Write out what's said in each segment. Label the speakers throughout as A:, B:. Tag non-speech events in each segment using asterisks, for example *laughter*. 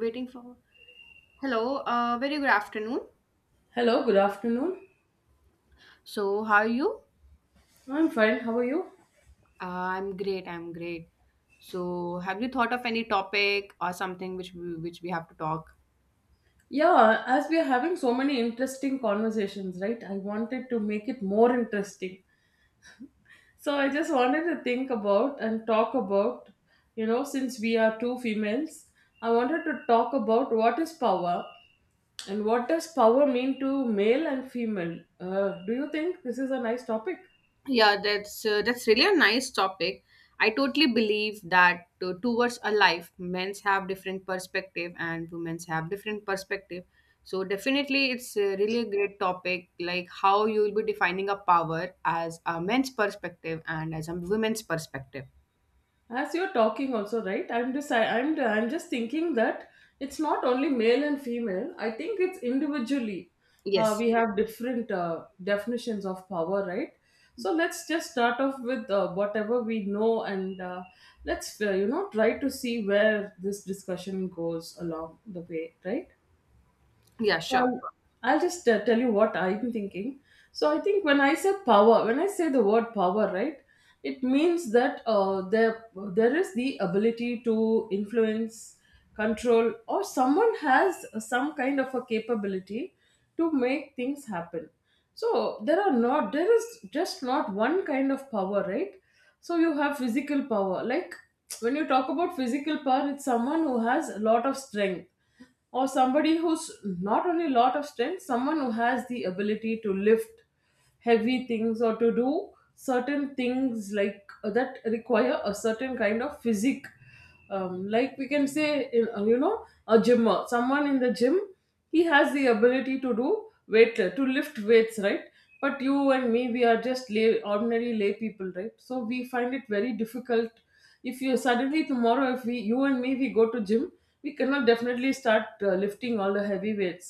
A: Waiting for. Hello, very good afternoon.
B: Hello, good afternoon.
A: So, how are you?
B: I'm fine. How are you?
A: I'm great, I'm great. So, have you thought of any topic or something which we have to talk?
B: Yeah, as we are having so many interesting conversations, right? I wanted to make it more interesting. So I just wanted to think about and talk about, since we are two females, I wanted to talk about what is power and what does power mean to male and female. Do you think this is a nice topic?
A: Yeah, that's really a nice topic. I totally believe that towards a life, men's have different perspective and women's have different perspective. So definitely, it's really a great topic. Like how you will be defining a power as a men's perspective and as a women's perspective.
B: As you're talking also, right, I'm just thinking that it's not only male and female. I think it's individually, uh,
A: Yes.
B: we have different definitions of power, right? So let's just start off with whatever we know, and let's try to see where this discussion goes along the way, right?
A: Yeah.
B: So
A: Sure.
B: I'll just tell you what I'm thinking. So I think when I say power, when I say the word power, right, it means that there is the ability to influence, control, or someone has some kind of a capability to make things happen. So there is just not one kind of power, right? So you have physical power. Like, when you talk about physical power, it's someone who has a lot of strength, or somebody who's not only lot of strength, someone who has the ability to lift heavy things or to do certain things like, that require a certain kind of physique. Like, we can say in, you know a gymmer, someone in the gym, he has the ability to lift weights, right? But you and me, we are just lay ordinary lay people, right? So we find it very difficult. If you suddenly tomorrow, if we you and me, we go to gym, we cannot definitely start lifting all the heavy weights.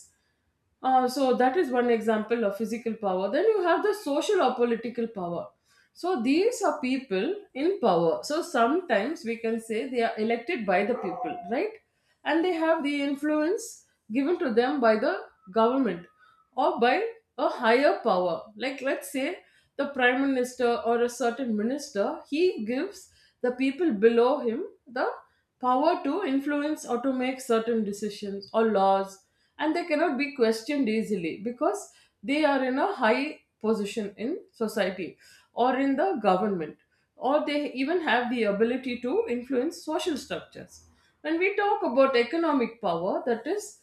B: So that is one example of physical power. Then you have the social or political power. So these are people in power. So sometimes we can say they are elected by the people, right? And they have the influence given to them by the government, or by a higher power. Like, let's say the prime minister or a certain minister, he gives the people below him the power to influence or to make certain decisions or laws, and they cannot be questioned easily because they are in a high position in society or in the government, or they even have the ability to influence social structures. When we talk about economic power, that is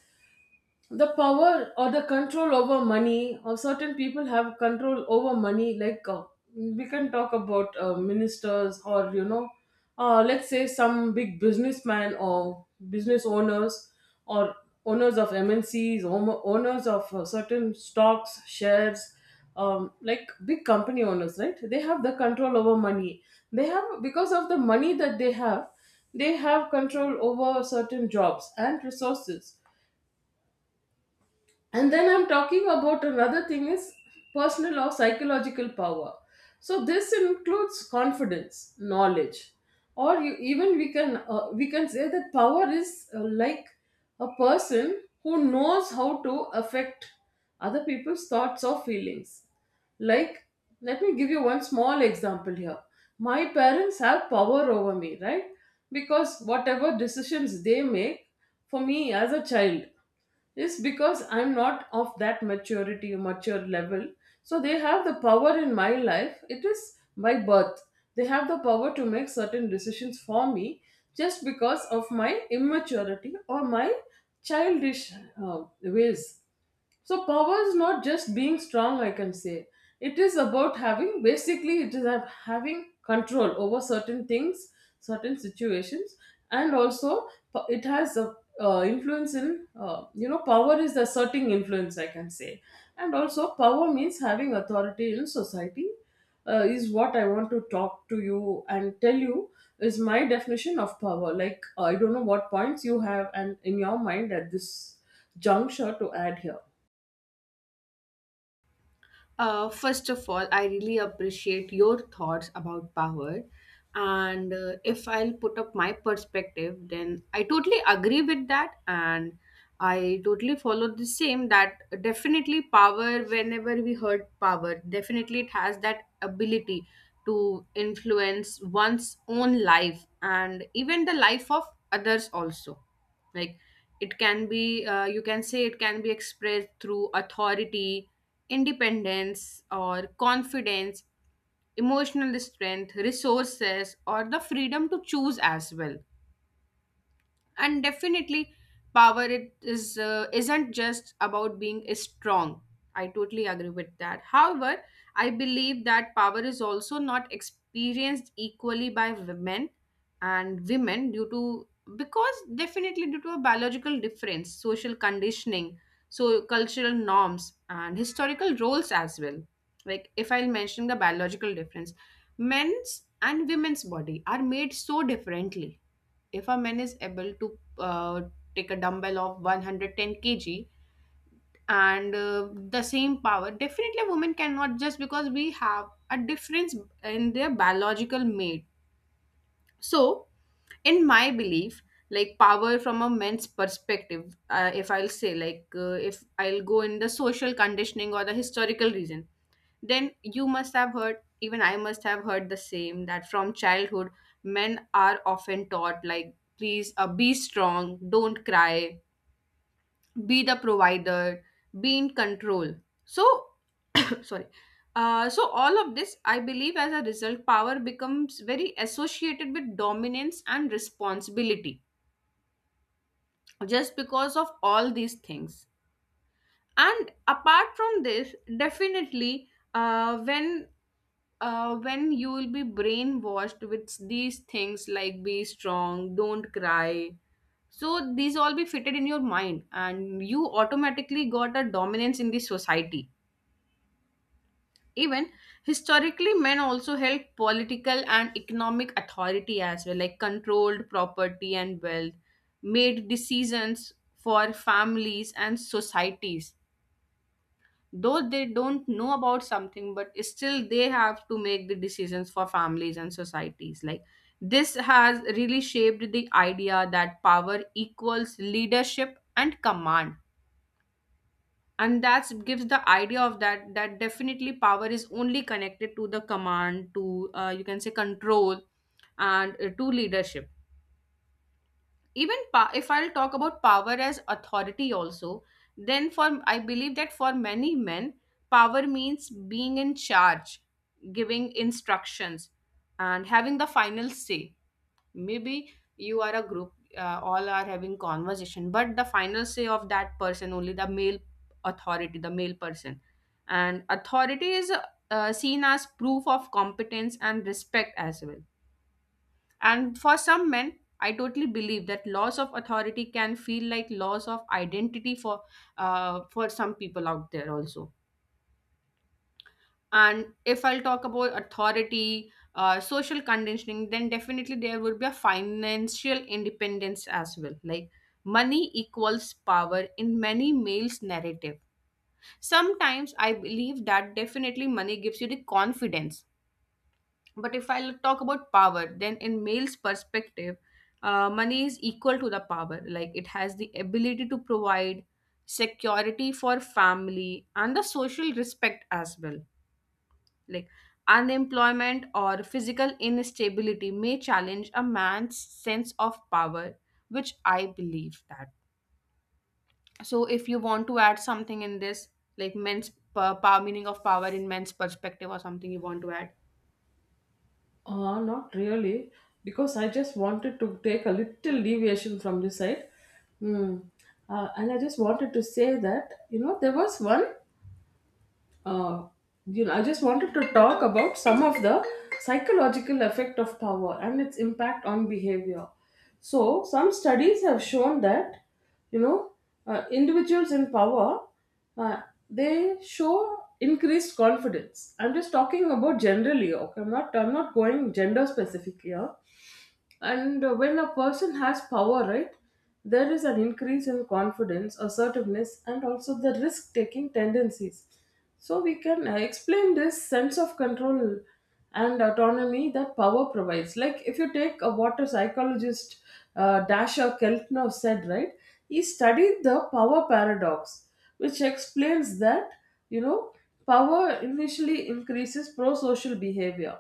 B: the power or the control over money, or certain people have control over money. Like, we can talk about ministers, or let's say some big businessman or business owners, or owners of MNCs, owners of certain stocks, shares, like, big company owners, right? They have the control over money. They have Because of the money that they have, they have control over certain jobs and resources. And then I'm talking about another thing is personal or psychological power. So this includes confidence, knowledge, or you, even we can say that power is, like, a person who knows how to affect other people's thoughts or feelings. Like, let me give you one small example here. My parents have power over me, right? Because whatever decisions they make for me as a child is because I'm not of that mature level. So they have the power in my life. It is by birth. They have the power to make certain decisions for me just because of my immaturity or my childish ways. So power is not just being strong, I can say. It is about having basically it is ab- having control over certain things, certain situations, and also, it has a influence in you know power is asserting influence, I can say, and also power means having authority in society. Is what I want to talk to you and tell you is my definition of power. Like, I don't know what points you have and in your mind at this juncture to add here.
A: First of all, I really appreciate your thoughts about power. And if I'll put up my perspective, then I totally agree with that. And I totally follow the same, that definitely power, whenever we heard power, definitely it has that ability to influence one's own life and even the life of others also, like it can be, you can say it can be expressed through authority, independence, or confidence, emotional strength, resources, or the freedom to choose as well. And definitely power, it is isn't just about being strong. I totally agree with that. However, I believe that power is also not experienced equally by women and women, due to, because definitely due to a biological difference, social conditioning, so cultural norms and historical roles as well. Like if I'll mention the biological difference, men's and women's body are made so differently. If a man is able to take a dumbbell of 110 kg, and the same power definitely women cannot, just because we have a difference in their biological mate. So in my belief, like power from a man's perspective, if I'll say like, if I'll go in the social conditioning or the historical reason, then you must have heard, even I must have heard the same, that from childhood, men are often taught, like, please, be strong, don't cry, be the provider, be in control. So, *coughs* sorry. So all of this, I believe, as a result, power becomes very associated with dominance and responsibility just because of all these things. And apart from this, definitely, uh, when when you will be brainwashed with these things, like be strong, don't cry, so these all be fitted in your mind and you automatically got a dominance in the society. Even historically, men also held political and economic authority as well, like controlled property and wealth, made decisions for families and societies, though they don't know about something, but still they have to make the decisions for families and societies. Like this has really shaped the idea that power equals leadership and command. And that gives the idea of that definitely power is only connected to the command, to, you can say, control, and to leadership. If I'll talk about power as authority also, then for I believe that for many men, power means being in charge, giving instructions, and having the final say. Maybe you are a group, all are having conversation, but the final say of that person only, the male authority, the male person. And authority is seen as proof of competence and respect as well. And for some men, I totally believe that loss of authority can feel like loss of identity, for some people out there also. And if I'll talk about authority, social conditioning, then definitely there would be a financial independence as well. Like money equals power in many males' narrative. Sometimes I believe that definitely money gives you the confidence. But if I'll talk about power, then in male's perspective, money is equal to the power. Like it has the ability to provide security for family and the social respect as well. Like unemployment or physical instability may challenge a man's sense of power, which I believe that. So if you want to add something in this, like men's power, meaning of power in men's perspective, or something you want to add.
B: Not really, because I just wanted to take a little deviation from this side. Hmm. And I just wanted to say that, there was one. uh, I just wanted to talk about some of the psychological effect of power and its impact on behavior. So, some studies have shown that, you know, individuals in power, uh, they show increased confidence. I'm just talking about generally. Okay, I'm not. I'm not going gender specific here. And when a person has power, right, there is an increase in confidence, assertiveness, and also the risk taking tendencies. So, we can explain this sense of control and autonomy that power provides. Like, if you take what a water psychologist, Dasha Keltner said, right, he studied the power paradox, which explains that, you know, power initially increases pro social behavior.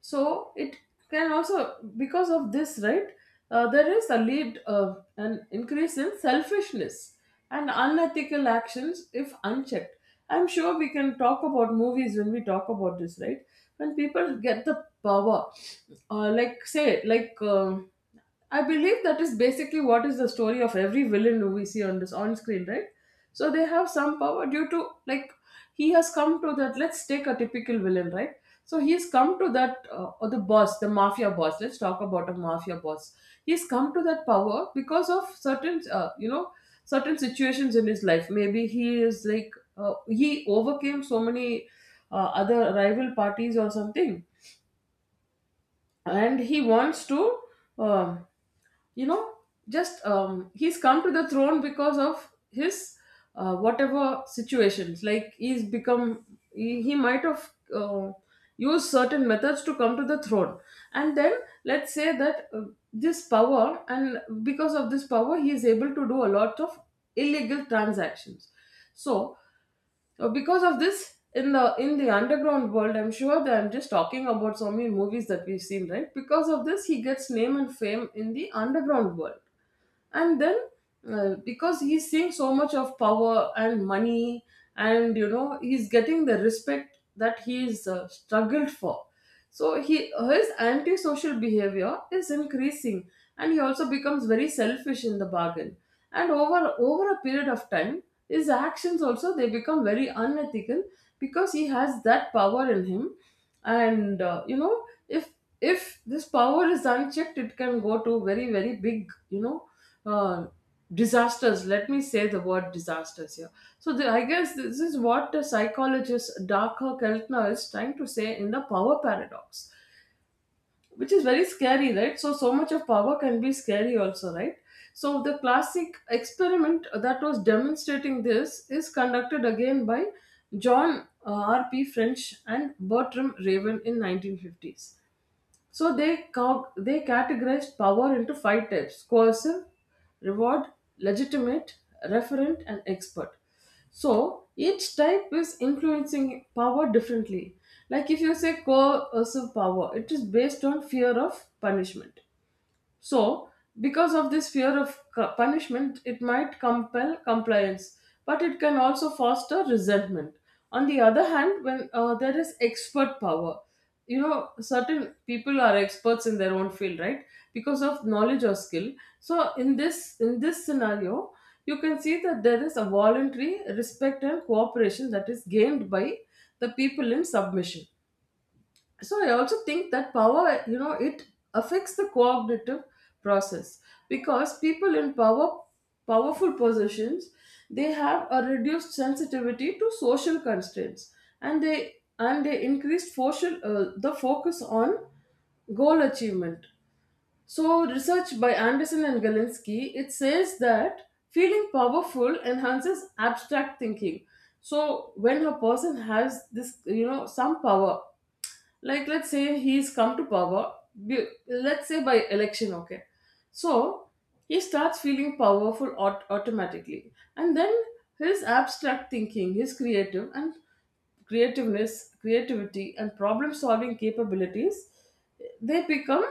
B: So it can also, because of this, right, there is a lead an increase in selfishness and unethical actions if unchecked. I'm sure we can talk about movies when we talk about this, right? When people get the power, like, say, like, I believe that is basically what is the story of every villain who we see on screen, right? So they have some power due to, like, he has come to that. Let's take a typical villain, right? So he's come to that, or the boss, the mafia boss. Let's talk about a mafia boss. He's come to that power because of certain situations in his life. Maybe he is, like, he overcame so many other rival parties or something, and he wants to. um you know just, he's come to the throne because of his whatever situations. Like, he's become, he might have used certain methods to come to the throne. And then let's say that, this power, and because of this power he is able to do a lot of illegal transactions. So, because of this, in the underground world, I'm sure that I'm just talking about so many movies that we've seen, right? Because of this, he gets name and fame in the underground world. And then, because he's seeing so much of power and money, and he's getting the respect that he's struggled for, so he his antisocial behavior is increasing, and he also becomes very selfish in the bargain. And over a period of time, his actions also, they become very unethical because he has that power in him. And, if this power is unchecked, it can go to very, very big, uh, disasters. Let me say the word disasters here. I guess this is what the psychologist Darker Keltner is trying to say in the power paradox, which is very scary, right? So, so much of power can be scary also, right? So the classic experiment that was demonstrating this is conducted again by John, R.P. French and Bertram Raven in 1950s. So they categorized power into five types: coercive, reward, legitimate, referent, and expert. So each type is influencing power differently. Like, if you say coercive power, it is based on fear of punishment. So, because of this fear of punishment, it might compel compliance, but it can also foster resentment. On the other hand, when there is expert power, certain people are experts in their own field, right? Because of knowledge or skill. So, in this scenario, you can see that there is a voluntary respect and cooperation that is gained by the people in submission. So I also think that power, it affects the cognitive process because people in power powerful positions, they have a reduced sensitivity to social constraints, and they increased social the focus on goal achievement. So, research by Anderson and Galinsky, it says that feeling powerful enhances abstract thinking. So, when a person has this, some power, like, let's say he's come to power let's say by election, okay, so he starts feeling powerful automatically, and then his abstract thinking, his creative and creativeness, creativity and problem solving capabilities, they become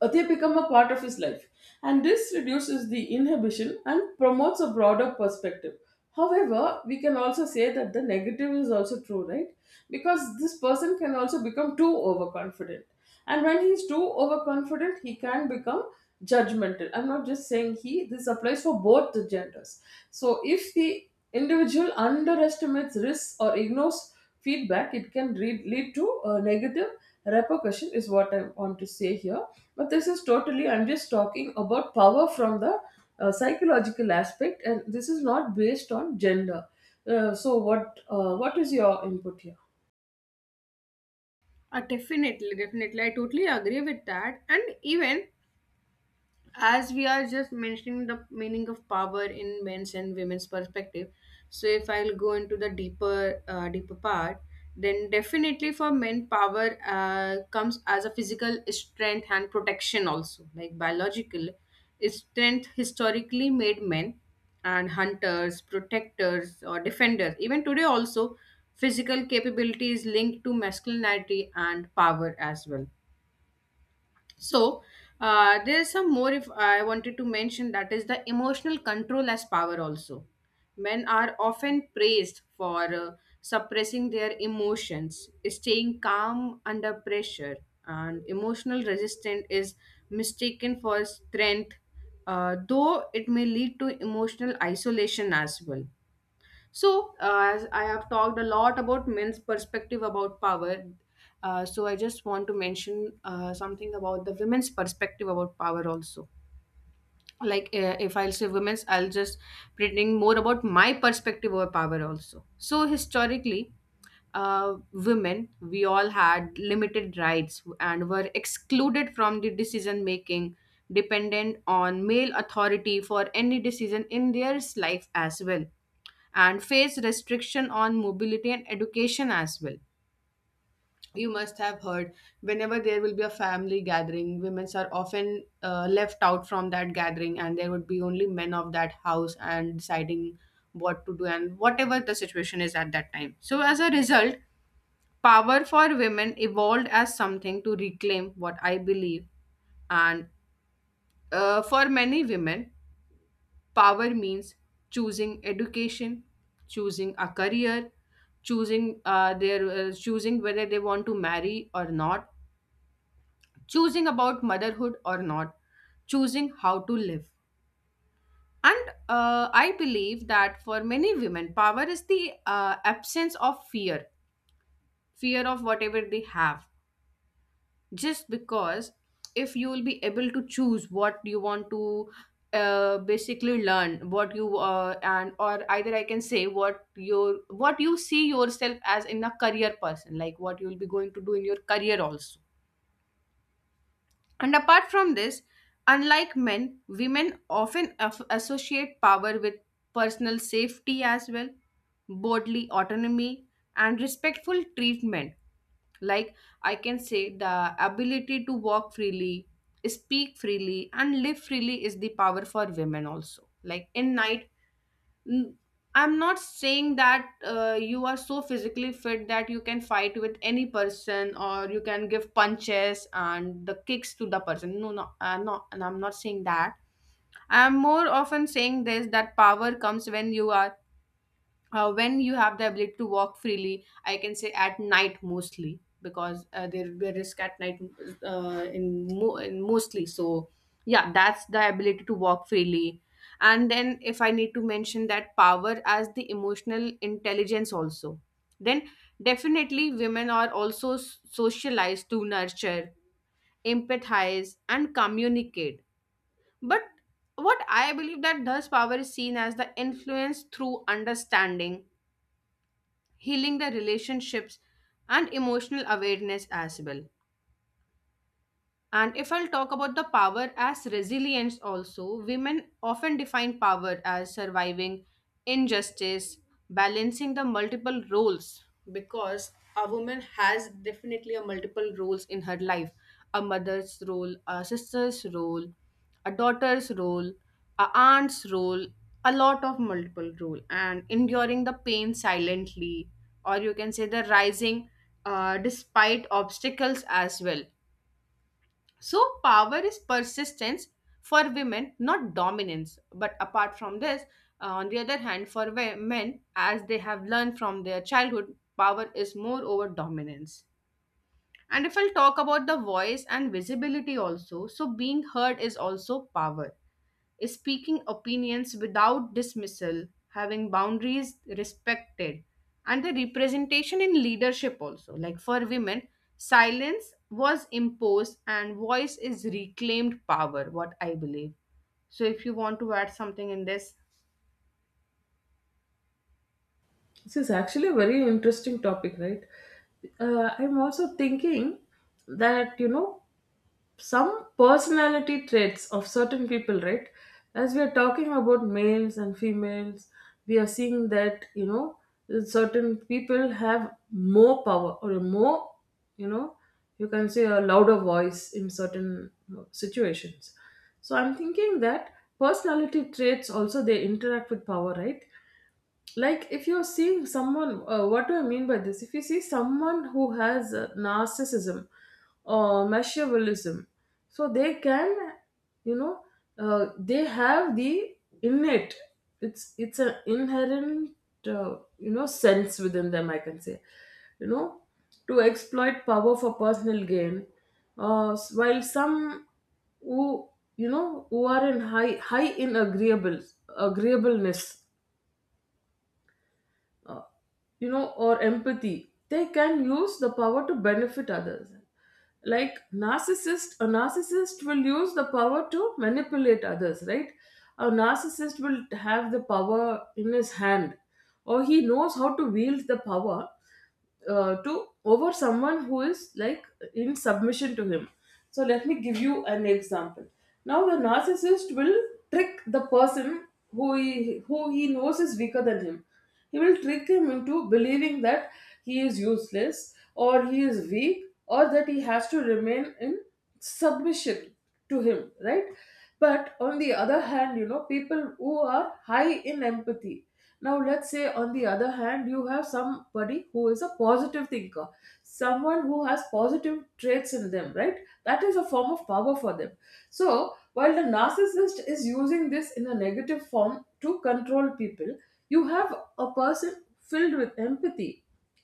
B: they become a part of his life. And this reduces the inhibition and promotes a broader perspective. However, we can also say that the negative is also true, right? Because this person can also become too overconfident. And when he's too overconfident, he can become judgmental. I'm not just saying he, this applies for both the genders. So if the individual underestimates risks or ignores feedback it can lead to a negative repercussion is what I want to say here, but this is totally, I'm just talking about power from the psychological aspect, and this is not based on gender. So what is your input here?
A: Definitely. I totally agree with that. And even as we are just mentioning the meaning of power in men's and women's perspective, so if I'll go into the deeper part, then definitely for men, power comes as a physical strength and protection also, like biological strength historically made men and hunters, protectors, or defenders. Even today also, physical capability is linked to masculinity and power as well. So there's some more, if I wanted to mention, that is the emotional control as power also. Men are often praised for suppressing their emotions, staying calm under pressure, and emotional resistance is mistaken for strength, though it may lead to emotional isolation as well. So, as I have talked a lot about men's perspective about power, so I just want to mention something about the women's perspective about power also. Like, if I'll say women's, I'll just pretending more about my perspective over power also. So, historically, women, we all had limited rights and were excluded from the decision making, dependent on male authority for any decision in their life as well, and face restriction on mobility and education as well. You must have heard, whenever there will be a family gathering, women are often left out from that gathering, and there would be only men of that house and deciding what to do and whatever the situation is at that time. So, as a result, power for women evolved as something to reclaim, what I believe. And for many women, power means choosing education, choosing a career, choosing their choosing whether they want to marry or not, choosing about motherhood or not, choosing how to live. And I believe that for many women, power is the absence of fear, fear of whatever they have, just because if you will be able to choose what you want to basically learn, what you and, or either I can say, what your, what you see yourself as in a career person, like what you will be going to do in your career also. And apart from this, unlike men, women often associate power with personal safety as well, bodily autonomy, and respectful treatment. Like, I can say, the ability to walk freely, speak freely, and live freely is the power for women also. Like in night, n- I'm not saying that you are so physically fit that you can fight with any person, or you can give punches and the kicks to the person. No, no, no, and I'm not saying that. I'm more often saying this, that power comes when you are when you have the ability to walk freely, I can say, at night mostly, because there will be a risk at night, in mostly. So yeah, that's the ability to walk freely. And then if I need to mention that power as the emotional intelligence also, then definitely women are also socialized to nurture, empathize, and communicate, but what I believe, that thus power is seen as the influence through understanding, healing the relationships, and emotional awareness as well. And if I'll talk about the power as resilience, also, women often define power as surviving injustice, balancing the multiple roles, because a woman has definitely a multiple roles in her life: a mother's role, a sister's role, a daughter's role, a aunt's role, a lot of multiple role, and enduring the pain silently, or you can say the rising despite obstacles as well. So, power is persistence for women, not dominance. But apart from this, on the other hand, for men, as they have learned from their childhood, power is more over dominance. And if I'll talk about the voice and visibility also, so being heard is also power, speaking opinions without dismissal, having boundaries respected, and the representation in leadership also. Like for women, silence was imposed and voice is reclaimed power, what I believe. So if you want to add something in this,
B: This is actually a very interesting topic, right? I'm also thinking that, you know, some personality traits of certain people, right? As we are talking about males and females, we are seeing that, you know, certain people have more power or a more, you know, you can say a louder voice in certain situations. So I'm thinking that personality traits also, they interact with power, right? Like if you are seeing someone what do I mean by this? If you see someone who has narcissism or machiavellism, so they can, you know, they have the innate, it's an inherent you know, sense within them, I can say, you know, to exploit power for personal gain. While some who, you know, who are in high in agreeableness, uh, you know, or empathy, they can use the power to benefit others. Like narcissist, a narcissist will use the power to manipulate others, right? A narcissist will have the power in his hand, or he knows how to wield the power to over someone who is like in submission to him. So let me give you an example. Now the narcissist will trick the person who he knows is weaker than him. He will trick him into believing that he is useless or he is weak or that he has to remain in submission to him, right? But on the other hand, you know, people who are high in empathy, now, let's say on the other hand, you have somebody who is a positive thinker, someone who has positive traits in them, right? That is a form of power for them. So while the narcissist is using this in a negative form to control people, you have a person filled with empathy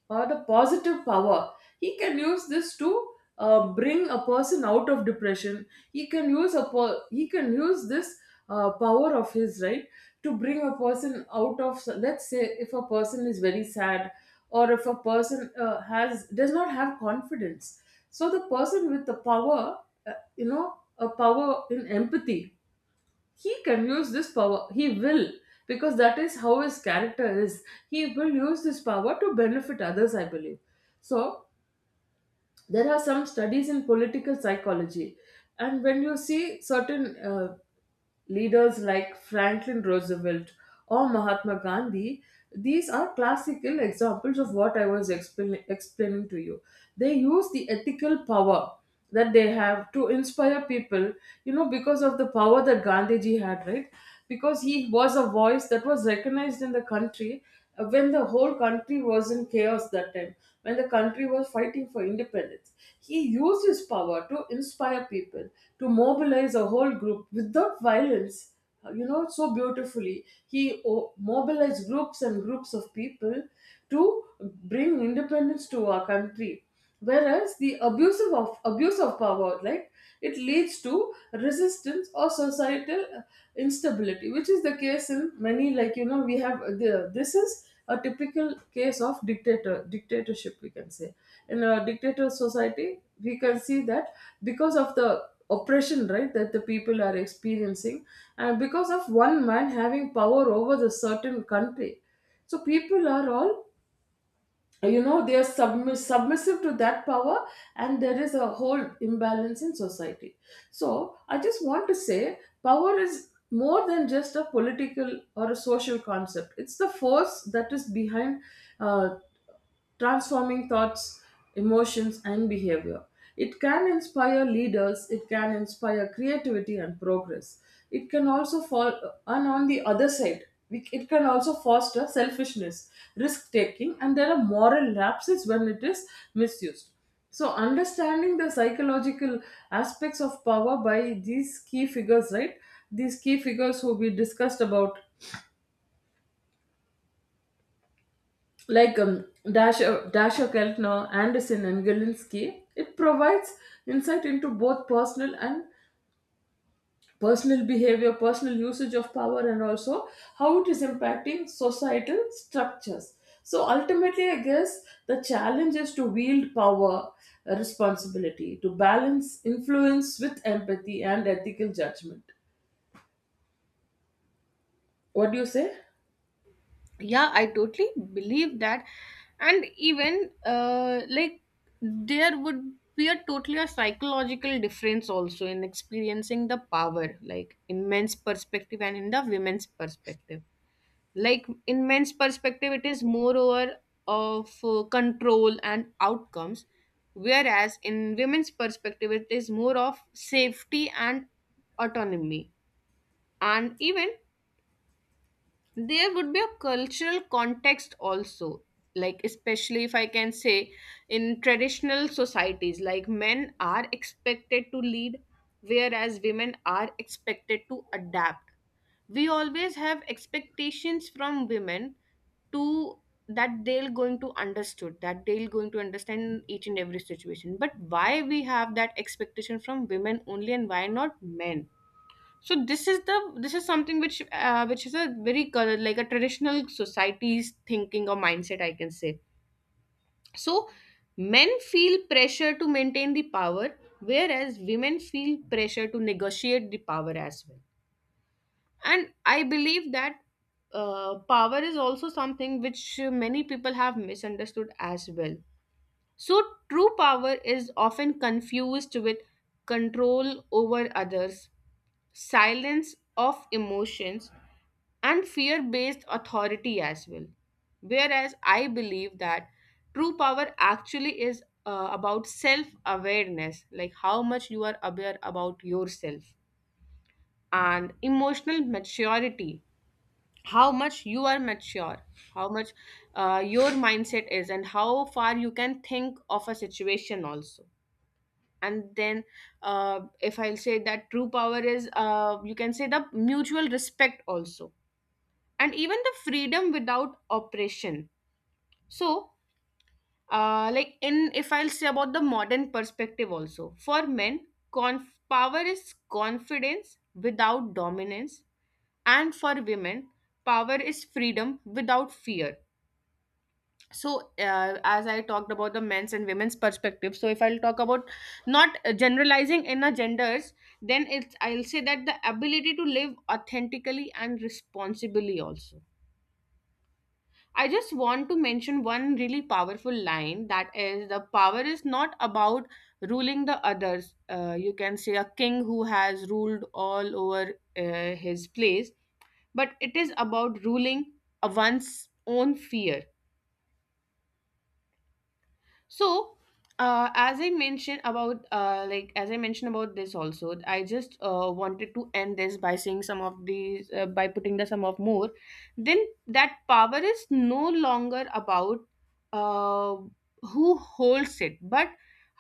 B: or the positive power. He can use this to bring a person out of depression. He can use this power of his, right, to bring a person out of. Let's say if a person is very sad, or if a person has does not have confidence. So the person with the power, uh, you know, a power in empathy, he can use this power. He will, because that is how his character is, he will use this power to benefit others, I believe. So there are some studies in political psychology, and when you see certain leaders like Franklin Roosevelt or Mahatma Gandhi, these are classical examples of what I was explaining to you. They use the ethical power that they have to inspire people, you know, because of the power that Gandhiji had, right? Because he was a voice that was recognized in the country when the whole country was in chaos, that time when the country was fighting for independence. He used his power to inspire people, to mobilize a whole group without violence, you know, so beautifully. Mobilized groups and groups of people to bring independence to our country, whereas the abusive of abuse of power, like, it leads to resistance or societal instability, which is the case in many, like, you know, we have the this is a typical case of dictatorship, we can say. In a dictator society, we can see that because of the oppression, right, that the people are experiencing, and because of one man having power over the certain country, so people are all, you know, they are submissive to that power, and there is a whole imbalance in society. So I just want to say power is more than just a political or a social concept. It's the force that is behind uh, transforming thoughts, emotions, and behavior. It can inspire leaders, it can inspire creativity and progress. It can also fall, and on the other side, it can also foster selfishness, risk taking, and there are moral lapses when it is misused. So, understanding the psychological aspects of power by these key figures, right? These key figures who we discussed about, like Dasha, Dasha Keltner, Anderson, and Galinsky, it provides insight into both personal and personal behavior, personal usage of power, and also how it is impacting societal structures. So ultimately, I guess the challenge is to wield power, responsibility, to balance influence with empathy and ethical judgment. What do you say?
A: yeah, I totally believe that. And even like, there would be a totally a psychological difference also in experiencing the power, like in men's perspective and in the women's perspective. Like in men's perspective, it is moreover of control and outcomes, whereas in women's perspective, it is more of safety and autonomy. And even there would be a cultural context also, like especially if I can say, in traditional societies, like men are expected to lead, whereas women are expected to adapt. We always have expectations from women to, that they're going to understood, that they're going to understand each and every situation, but why we have that expectation from women only and why not men? So this is something which is a very like a traditional society's thinking or mindset, I can say. So men feel pressure to maintain the power, whereas women feel pressure to negotiate the power as well. And I believe that power is also something which many people have misunderstood as well. So true power is often confused with control over others, silence of emotions, and fear based authority as well. Whereas I believe that true power actually is about self awareness, like how much you are aware about yourself, and emotional maturity, how much you are mature, how much your mindset is, and how far you can think of a situation also. And then, if I'll say that true power is, you can say, the mutual respect also, and even the freedom without oppression. So like in, if I'll say about the modern perspective also, for men, power is confidence without dominance, and for women, power is freedom without fear. So as I talked about the men's and women's perspective, so if I'll talk about not generalizing in a genders, then it's, I'll say that the ability to live authentically and responsibly also. I just want to mention one really powerful line, that is, the power is not about ruling the others. You can say a king who has ruled all over his place, but it is about ruling one's own fear. So as I mentioned about this also, I just wanted to end this by saying some of these, by putting the sum of more, then that power is no longer about uh, who holds it, but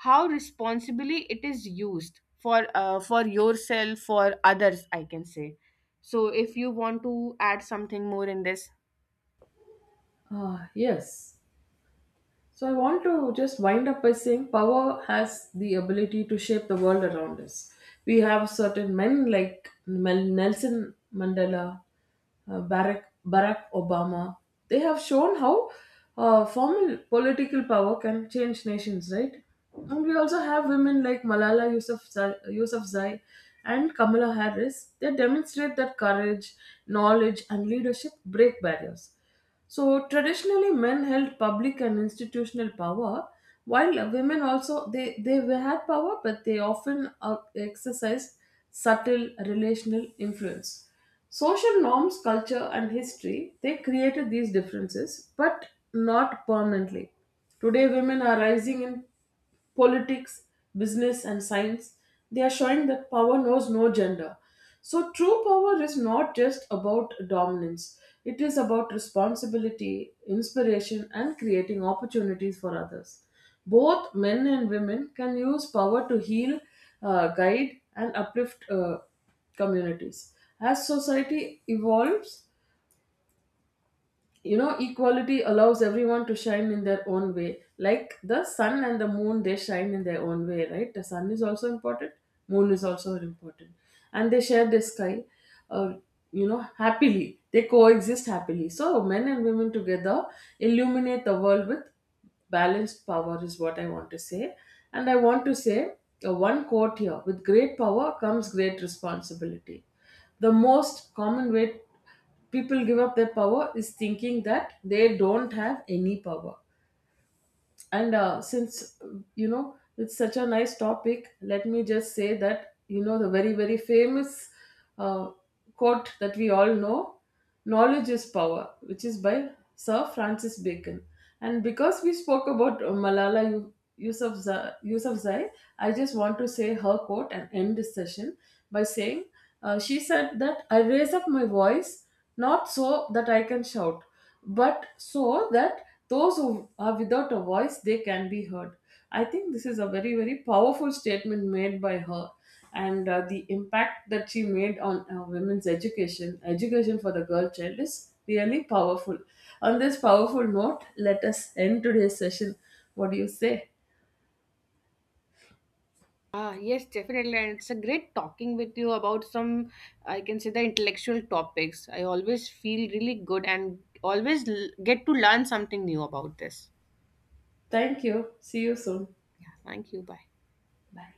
A: how responsibly it is used for, for yourself, for others, I can say. So if you want to add something more in this,
B: Ah, yes. So I want to just wind up by saying power has the ability to shape the world around us. We have certain men like Nelson Mandela, Barack Obama. They have shown how formal political power can change nations, right? And we also have women like Yousafzai and Kamala Harris. They demonstrate that courage, knowledge, and leadership break barriers. So traditionally, men held public and institutional power, while women also, they had power, but they often exercised subtle relational influence. Social norms, culture, and history, they created these differences, but not permanently. Today, women are rising in politics, business, and science, they are showing that power knows no gender. So, true power is not just about dominance, it is about responsibility, inspiration, and creating opportunities for others. Both men and women can use power to heal, guide, and uplift communities. As society evolves, you know, equality allows everyone to shine in their own way, like the sun and the moon, they shine in their own way, right? The sun is also important, moon is also important, and they share the sky, uh, you know, happily, they coexist happily. So men and women together illuminate the world with balanced power, is what I want to say. And I want to say one quote here: with great power comes great responsibility. The most common way people give up their power is thinking that they don't have any power. And since you know, it's such a nice topic, let me just say that, you know, the very, very famous uh, quote that we all know: knowledge is power, which is by Sir Francis Bacon. And because we spoke about Yousafzai, Yousafzai, I just want to say her quote and end this session by saying she said that I raise up my voice not so that I can shout, but so that those who are without a voice, they can be heard. I think this is a very, very powerful statement made by her, and the impact that she made on women's education, education for the girl child, is really powerful. On this powerful note, let us end today's session. What do you say?
A: ah, yes, definitely. And it's a great talking with you about some, I can say, the intellectual topics. I always feel really good and always get to learn something new about this.
B: Thank you. See you soon.
A: Yeah, thank you. Bye.
B: Bye.